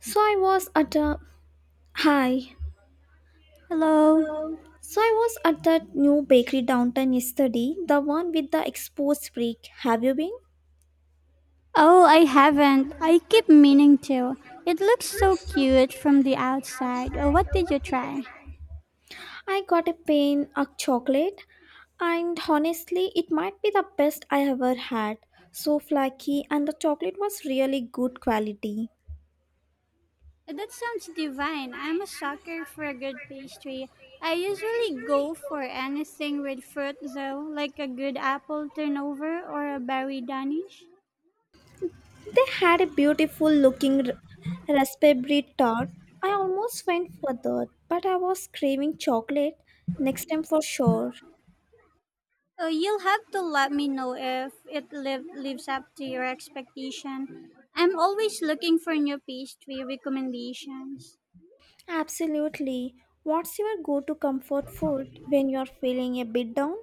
So I was at a hi. Hello. So I was at that new bakery downtown yesterday, the one with the exposed brick. Have you been? Oh, I haven't. I keep meaning to. It looks so cute from the outside. Oh, what did you try? I got a pain of chocolate, and honestly, it might be the best I ever had. So flaky, and the chocolate was really good quality. That sounds divine. I'm a sucker for a good pastry. I usually go for anything with fruit, though, like a good apple turnover or a berry danish. They had a beautiful looking raspberry tart. I almost went for that, but I was craving chocolate next time for sure. Oh, you'll have to let me know if lives up to your expectation. I'm always looking for new pastry recommendations. Absolutely. What's your go to comfort food when you're feeling a bit down?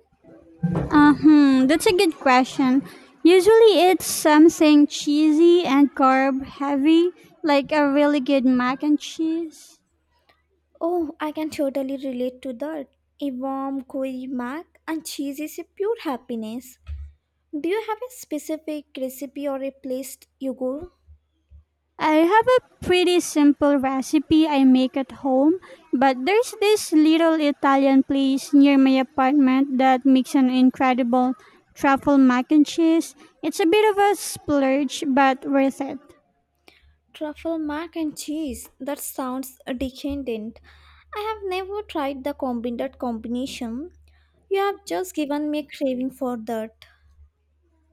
That's a good question. Usually it's something cheesy and carb heavy, like a really good mac and cheese. Oh, I can totally relate to that. A warm gooey mac and cheese is a pure happiness. Do you have a specific recipe or a place you go? I have a pretty simple recipe I make at home, but there's this little Italian place near my apartment that makes an incredible truffle mac and cheese. It's a bit of a splurge, but worth it. Truffle mac and cheese. That sounds decadent. I have never tried the combined combination. You have just given me a craving for that.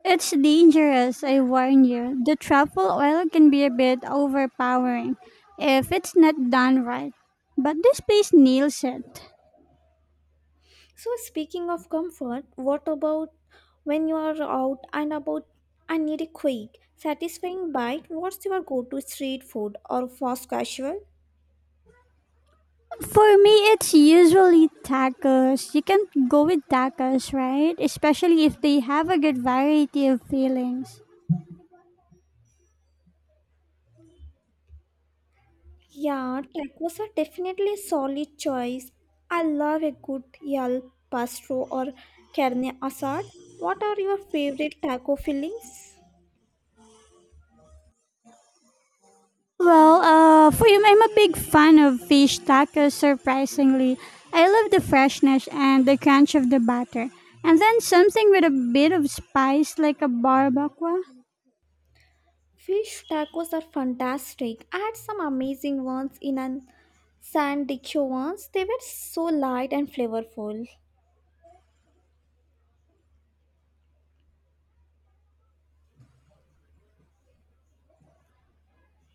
It's dangerous, I warn you. The truffle oil can be a bit overpowering if it's not done right. But this place nails it. So, speaking of comfort, what about when you are out and about and need a quick, satisfying bite? What's your go to street food or fast casual? For me, it's usually tacos. You can go with tacos, right? Especially if they have a good variety of fillings. Yeah, tacos are definitely a solid choice. I love a good yal pastro or carne asad. What are your favorite taco fillings? Well, for you, I'm a big fan of fish tacos, surprisingly. I love the freshness and the crunch of the batter. And then something with a bit of spice like a barbacoa. Fish tacos are fantastic. I had some amazing ones in an San Diego once. They were so light and flavorful.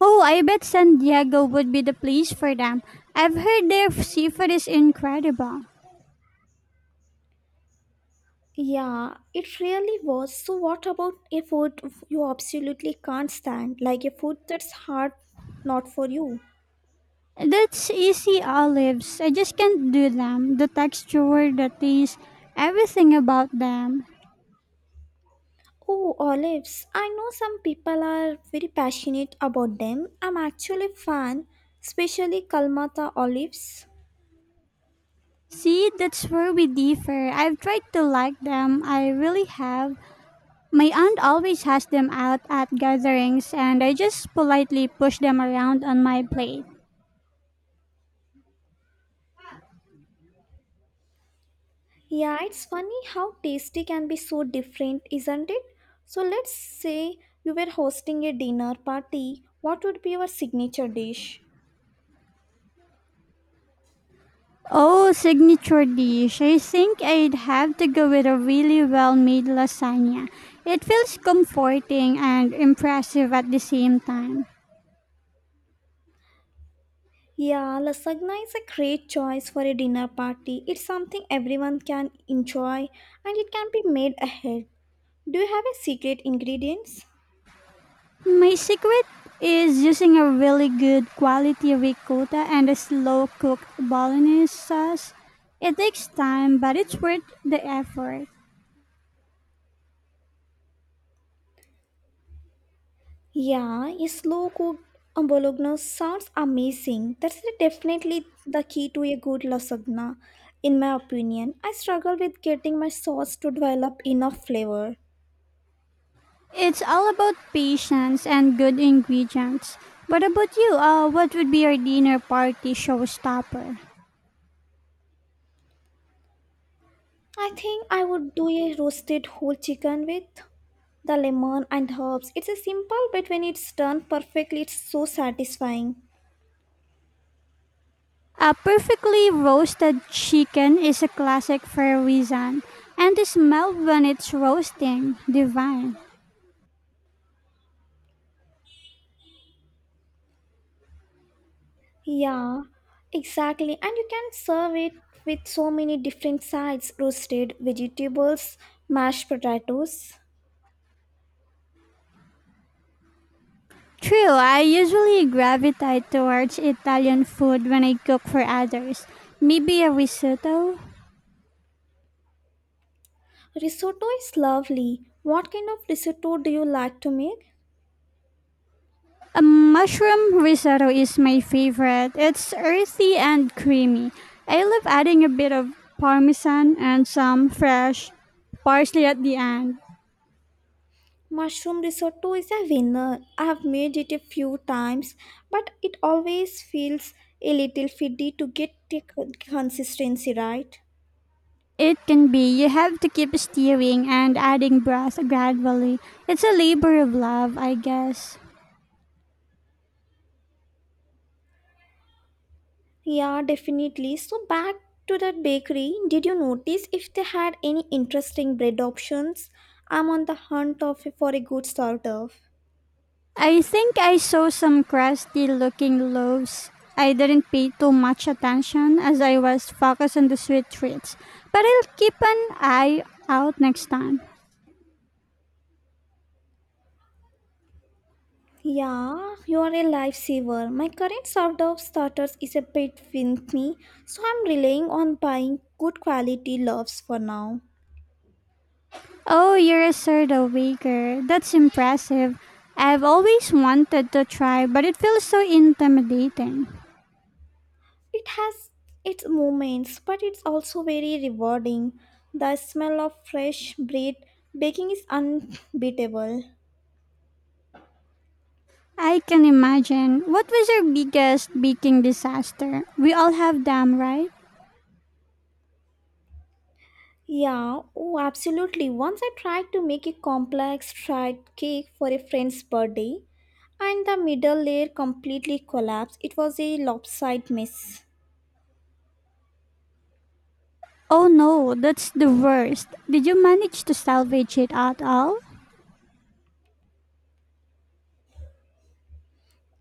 Oh, I bet San Diego would be the place for them. I've heard their seafood is incredible. Yeah, it really was. So, what about a food you absolutely can't stand? Like a food that's hard not for you? That's easy olives. I just can't do them. The texture, the taste, everything about them. Oh, olives. I know some people are very passionate about them. I'm actually a fan, especially Kalmata olives. See, that's where we differ. I've tried to like them. I really have. My aunt always has them out at gatherings, and I just politely push them around on my plate. Yeah, it's funny how tasty can be so different, isn't it? So, let's say you were hosting a dinner party. What would be your signature dish? Oh, signature dish. I think I'd have to go with a really well made lasagna. It feels comforting and impressive at the same time. Yeah, lasagna is a great choice for a dinner party. It's something everyone can enjoy and it can be made ahead. Do you have a secret ingredients? My secret is using a really good quality ricotta and a slow cooked bolognese sauce. It takes time, but it's worth the effort. Yeah, a slow cooked bolognese sounds amazing. Definitely the key to a good lasagna in my opinion. I struggle with getting my sauce to develop enough flavor. It's all about patience and good ingredients. What about you? What would be your dinner party showstopper? I think I would do a roasted whole chicken with the lemon and herbs. It's a simple, but when it's done perfectly, it's so satisfying. A perfectly roasted chicken is a classic for a reason, and the smell when it's roasting, divine. Yeah, exactly. And you can serve it with so many different sides roasted vegetables, mashed potatoes. True, I usually gravitate towards Italian food when I cook for others. Maybe a risotto? Risotto is lovely. What kind of risotto do you like to make? A mushroom risotto is my favorite. It's earthy and creamy. I love adding a bit of parmesan and some fresh parsley at the end. Mushroom risotto is a winner. I've made it a few times, but it always feels a little fiddy to get the consistency right. It can be. You have to keep steering and adding broth gradually. It's a labor of love, I guess. Yeah, definitely. So back to the bakery, did you notice if they had any interesting bread options? I'm on the hunt of for a good sort of. I think I saw some crusty looking loaves. I didn't pay too much attention as I was focused on the sweet treats, but I'll keep an eye out next time. Yeah, you are a lifesaver. My current sort of starters is a bit with me, so I'm relying on buying good quality loaves for now. Oh, you're a sourdough baker. That's impressive. I've always wanted to try, but it feels so intimidating. It has its moments, but it's also very rewarding. The smell of fresh bread baking is unbeatable. I can imagine. What was your biggest baking disaster? We all have them, right? Yeah, oh, absolutely. Once I tried to make a complex fried cake for a friend's birthday, and the middle layer completely collapsed. It was a lopsided mess. Oh no, that's the worst. Did you manage to salvage it at all?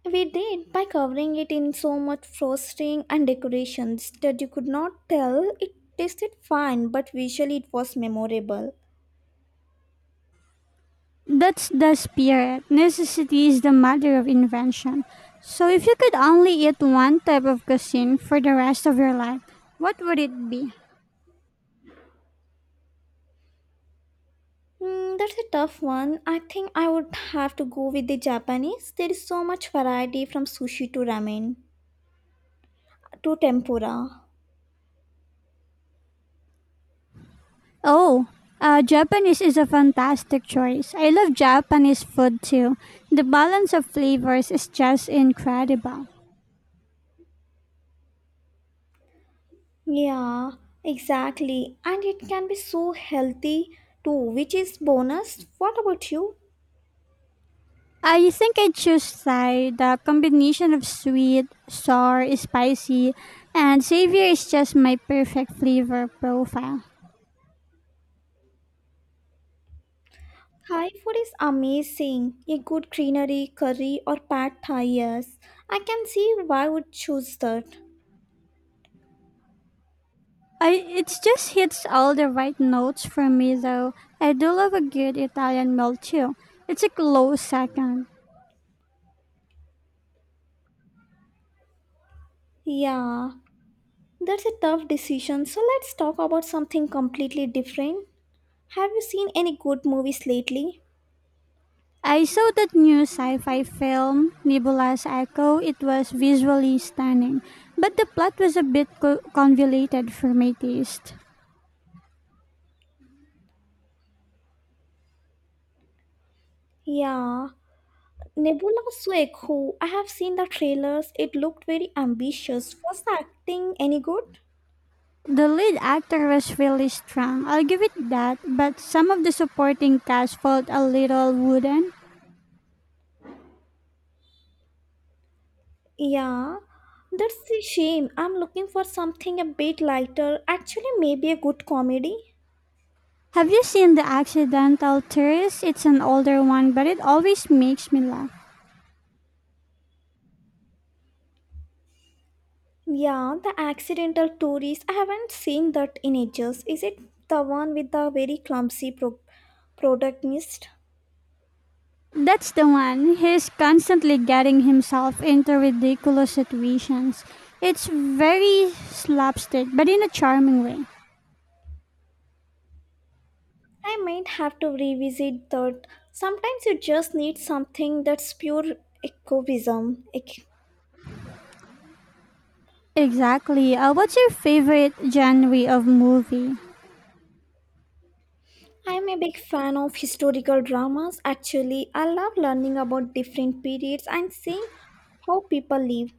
We did by covering it in so much frosting and decorations that you could not tell it tasted fine, but visually it was memorable. That's the spirit. Necessity is the mother of invention. So if you could only eat one type of cuisine for the rest of your life, what would it be? Hmm, that's a tough one. I think I would have to go with the Japanese. There is so much variety from sushi to ramen to tempura. Oh, Japanese is a fantastic choice. I love Japanese food too. The balance of flavors is just incredible. Yeah, exactly. And it can be so healthy too, which is bonus. What about you? I think I'd choose Thai. The combination of sweet, sour, spicy, and savory is just my perfect flavor profile. Thai food is amazing. A good greenery curry or pad thai, yes. I can see why would choose that. I it just hits all the right notes for me though. I do love a good Italian meal too. It's a close second. Yeah, that's a tough decision. So let's talk about something completely different. Have you seen any good movies lately? I saw that new sci-fi film, Nebula's Echo. It was visually stunning, but the plot was a bit convoluted for my taste. Yeah, Nebula Swag, who I have seen the trailers, it looked very ambitious. Was the acting any good? The lead actor was really strong, I'll give it that, but some of the supporting cast felt a little wooden. Yeah, that's a shame. I'm looking for something a bit lighter. Actually, maybe a good comedy. Have you seen The Accidental Tourist? It's an older one, but it always makes me laugh. Yeah, the accidental tourist. I haven't seen that in ages. Is it the one with the very clumsy protagonist? That's the one. He's constantly getting himself into ridiculous situations. It's very slapstick, but in a charming way. I might have to revisit that. Sometimes you just need something that's pure escapism. Exactly. What's your favorite genre of movie? I'm a big fan of historical dramas. Actually, I love learning about different periods and seeing how people live.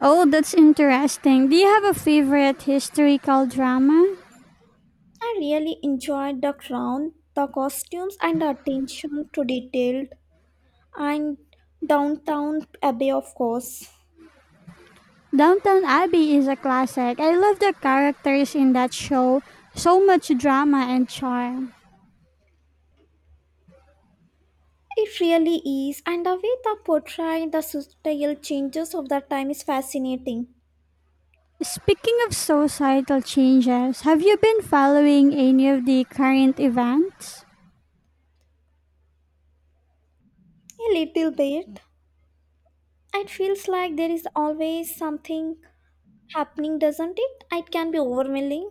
Oh, that's interesting. Do you have a favorite historical drama? I really enjoyed the crown, the costumes, and the attention to detail, and downtown Abbey, of course. Downtown Abbey is a classic. I love the characters in that show. So much drama and charm. It really is, and the way they portray the societal changes of the time is fascinating. Speaking of societal changes, have you been following any of the current events? A little bit. It feels like there is always something happening, doesn't it? It can be overwhelming.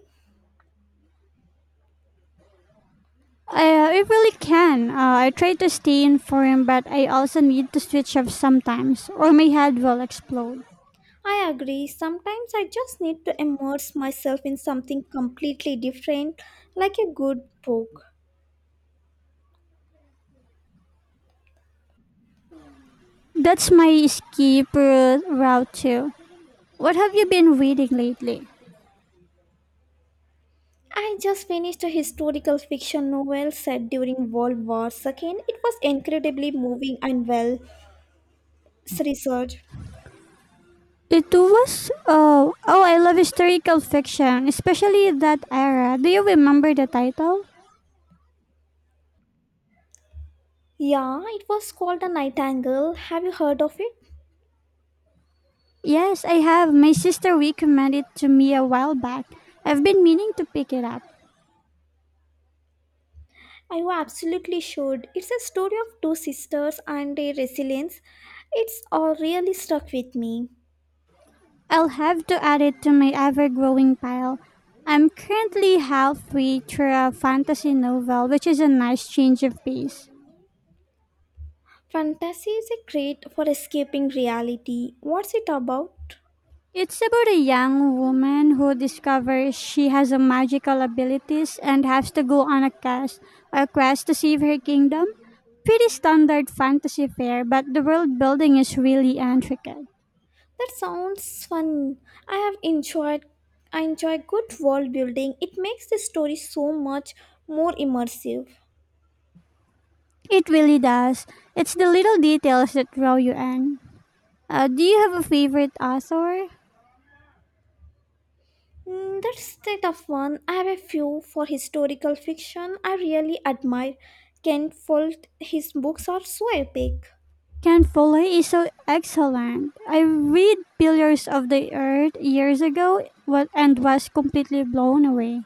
I really can. I try to stay informed, but I also need to switch off sometimes, or my head will explode. I agree. Sometimes I just need to immerse myself in something completely different, like a good book. That's my escape route too. What have you been reading lately? I just finished a historical fiction novel set during World War II. It was incredibly moving and well researched. It was oh I love historical fiction, especially that era. Do you remember the title? Yeah, it was called The Nightingale. Have you heard of it? Yes, I have. My sister recommended it to me a while back. I've been meaning to pick it up. I absolutely should. It's a story of two sisters and their resilience. It's all really stuck with me. I'll have to add it to my ever-growing pile. I'm currently halfway through a fantasy novel, which is a nice change of pace. Fantasy is a great for escaping reality. What's it about? It's about a young woman who discovers she has a magical abilities and has to go on a quest to save her kingdom. Pretty standard fantasy fare, but the world building is really intricate. That sounds fun. I have enjoyed I enjoy good world building. It makes the story so much more immersive. It really does. It's the little details that draw you in. Do you have a favorite author? Mm, that's the tough one. I have a few for historical fiction I really admire. Ken Follett, his books are so epic. Ken Follett is so excellent. I read Pillars of the Earth years ago and was completely blown away.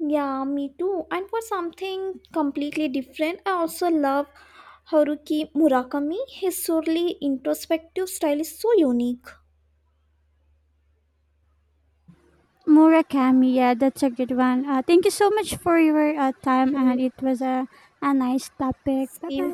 Yeah, me too. And for something completely different, I also love Haruki Murakami. His surly introspective style is so unique. Murakami, yeah, that's a good one. Thank you so much for your time, You, and it was a nice topic. Bye same bye.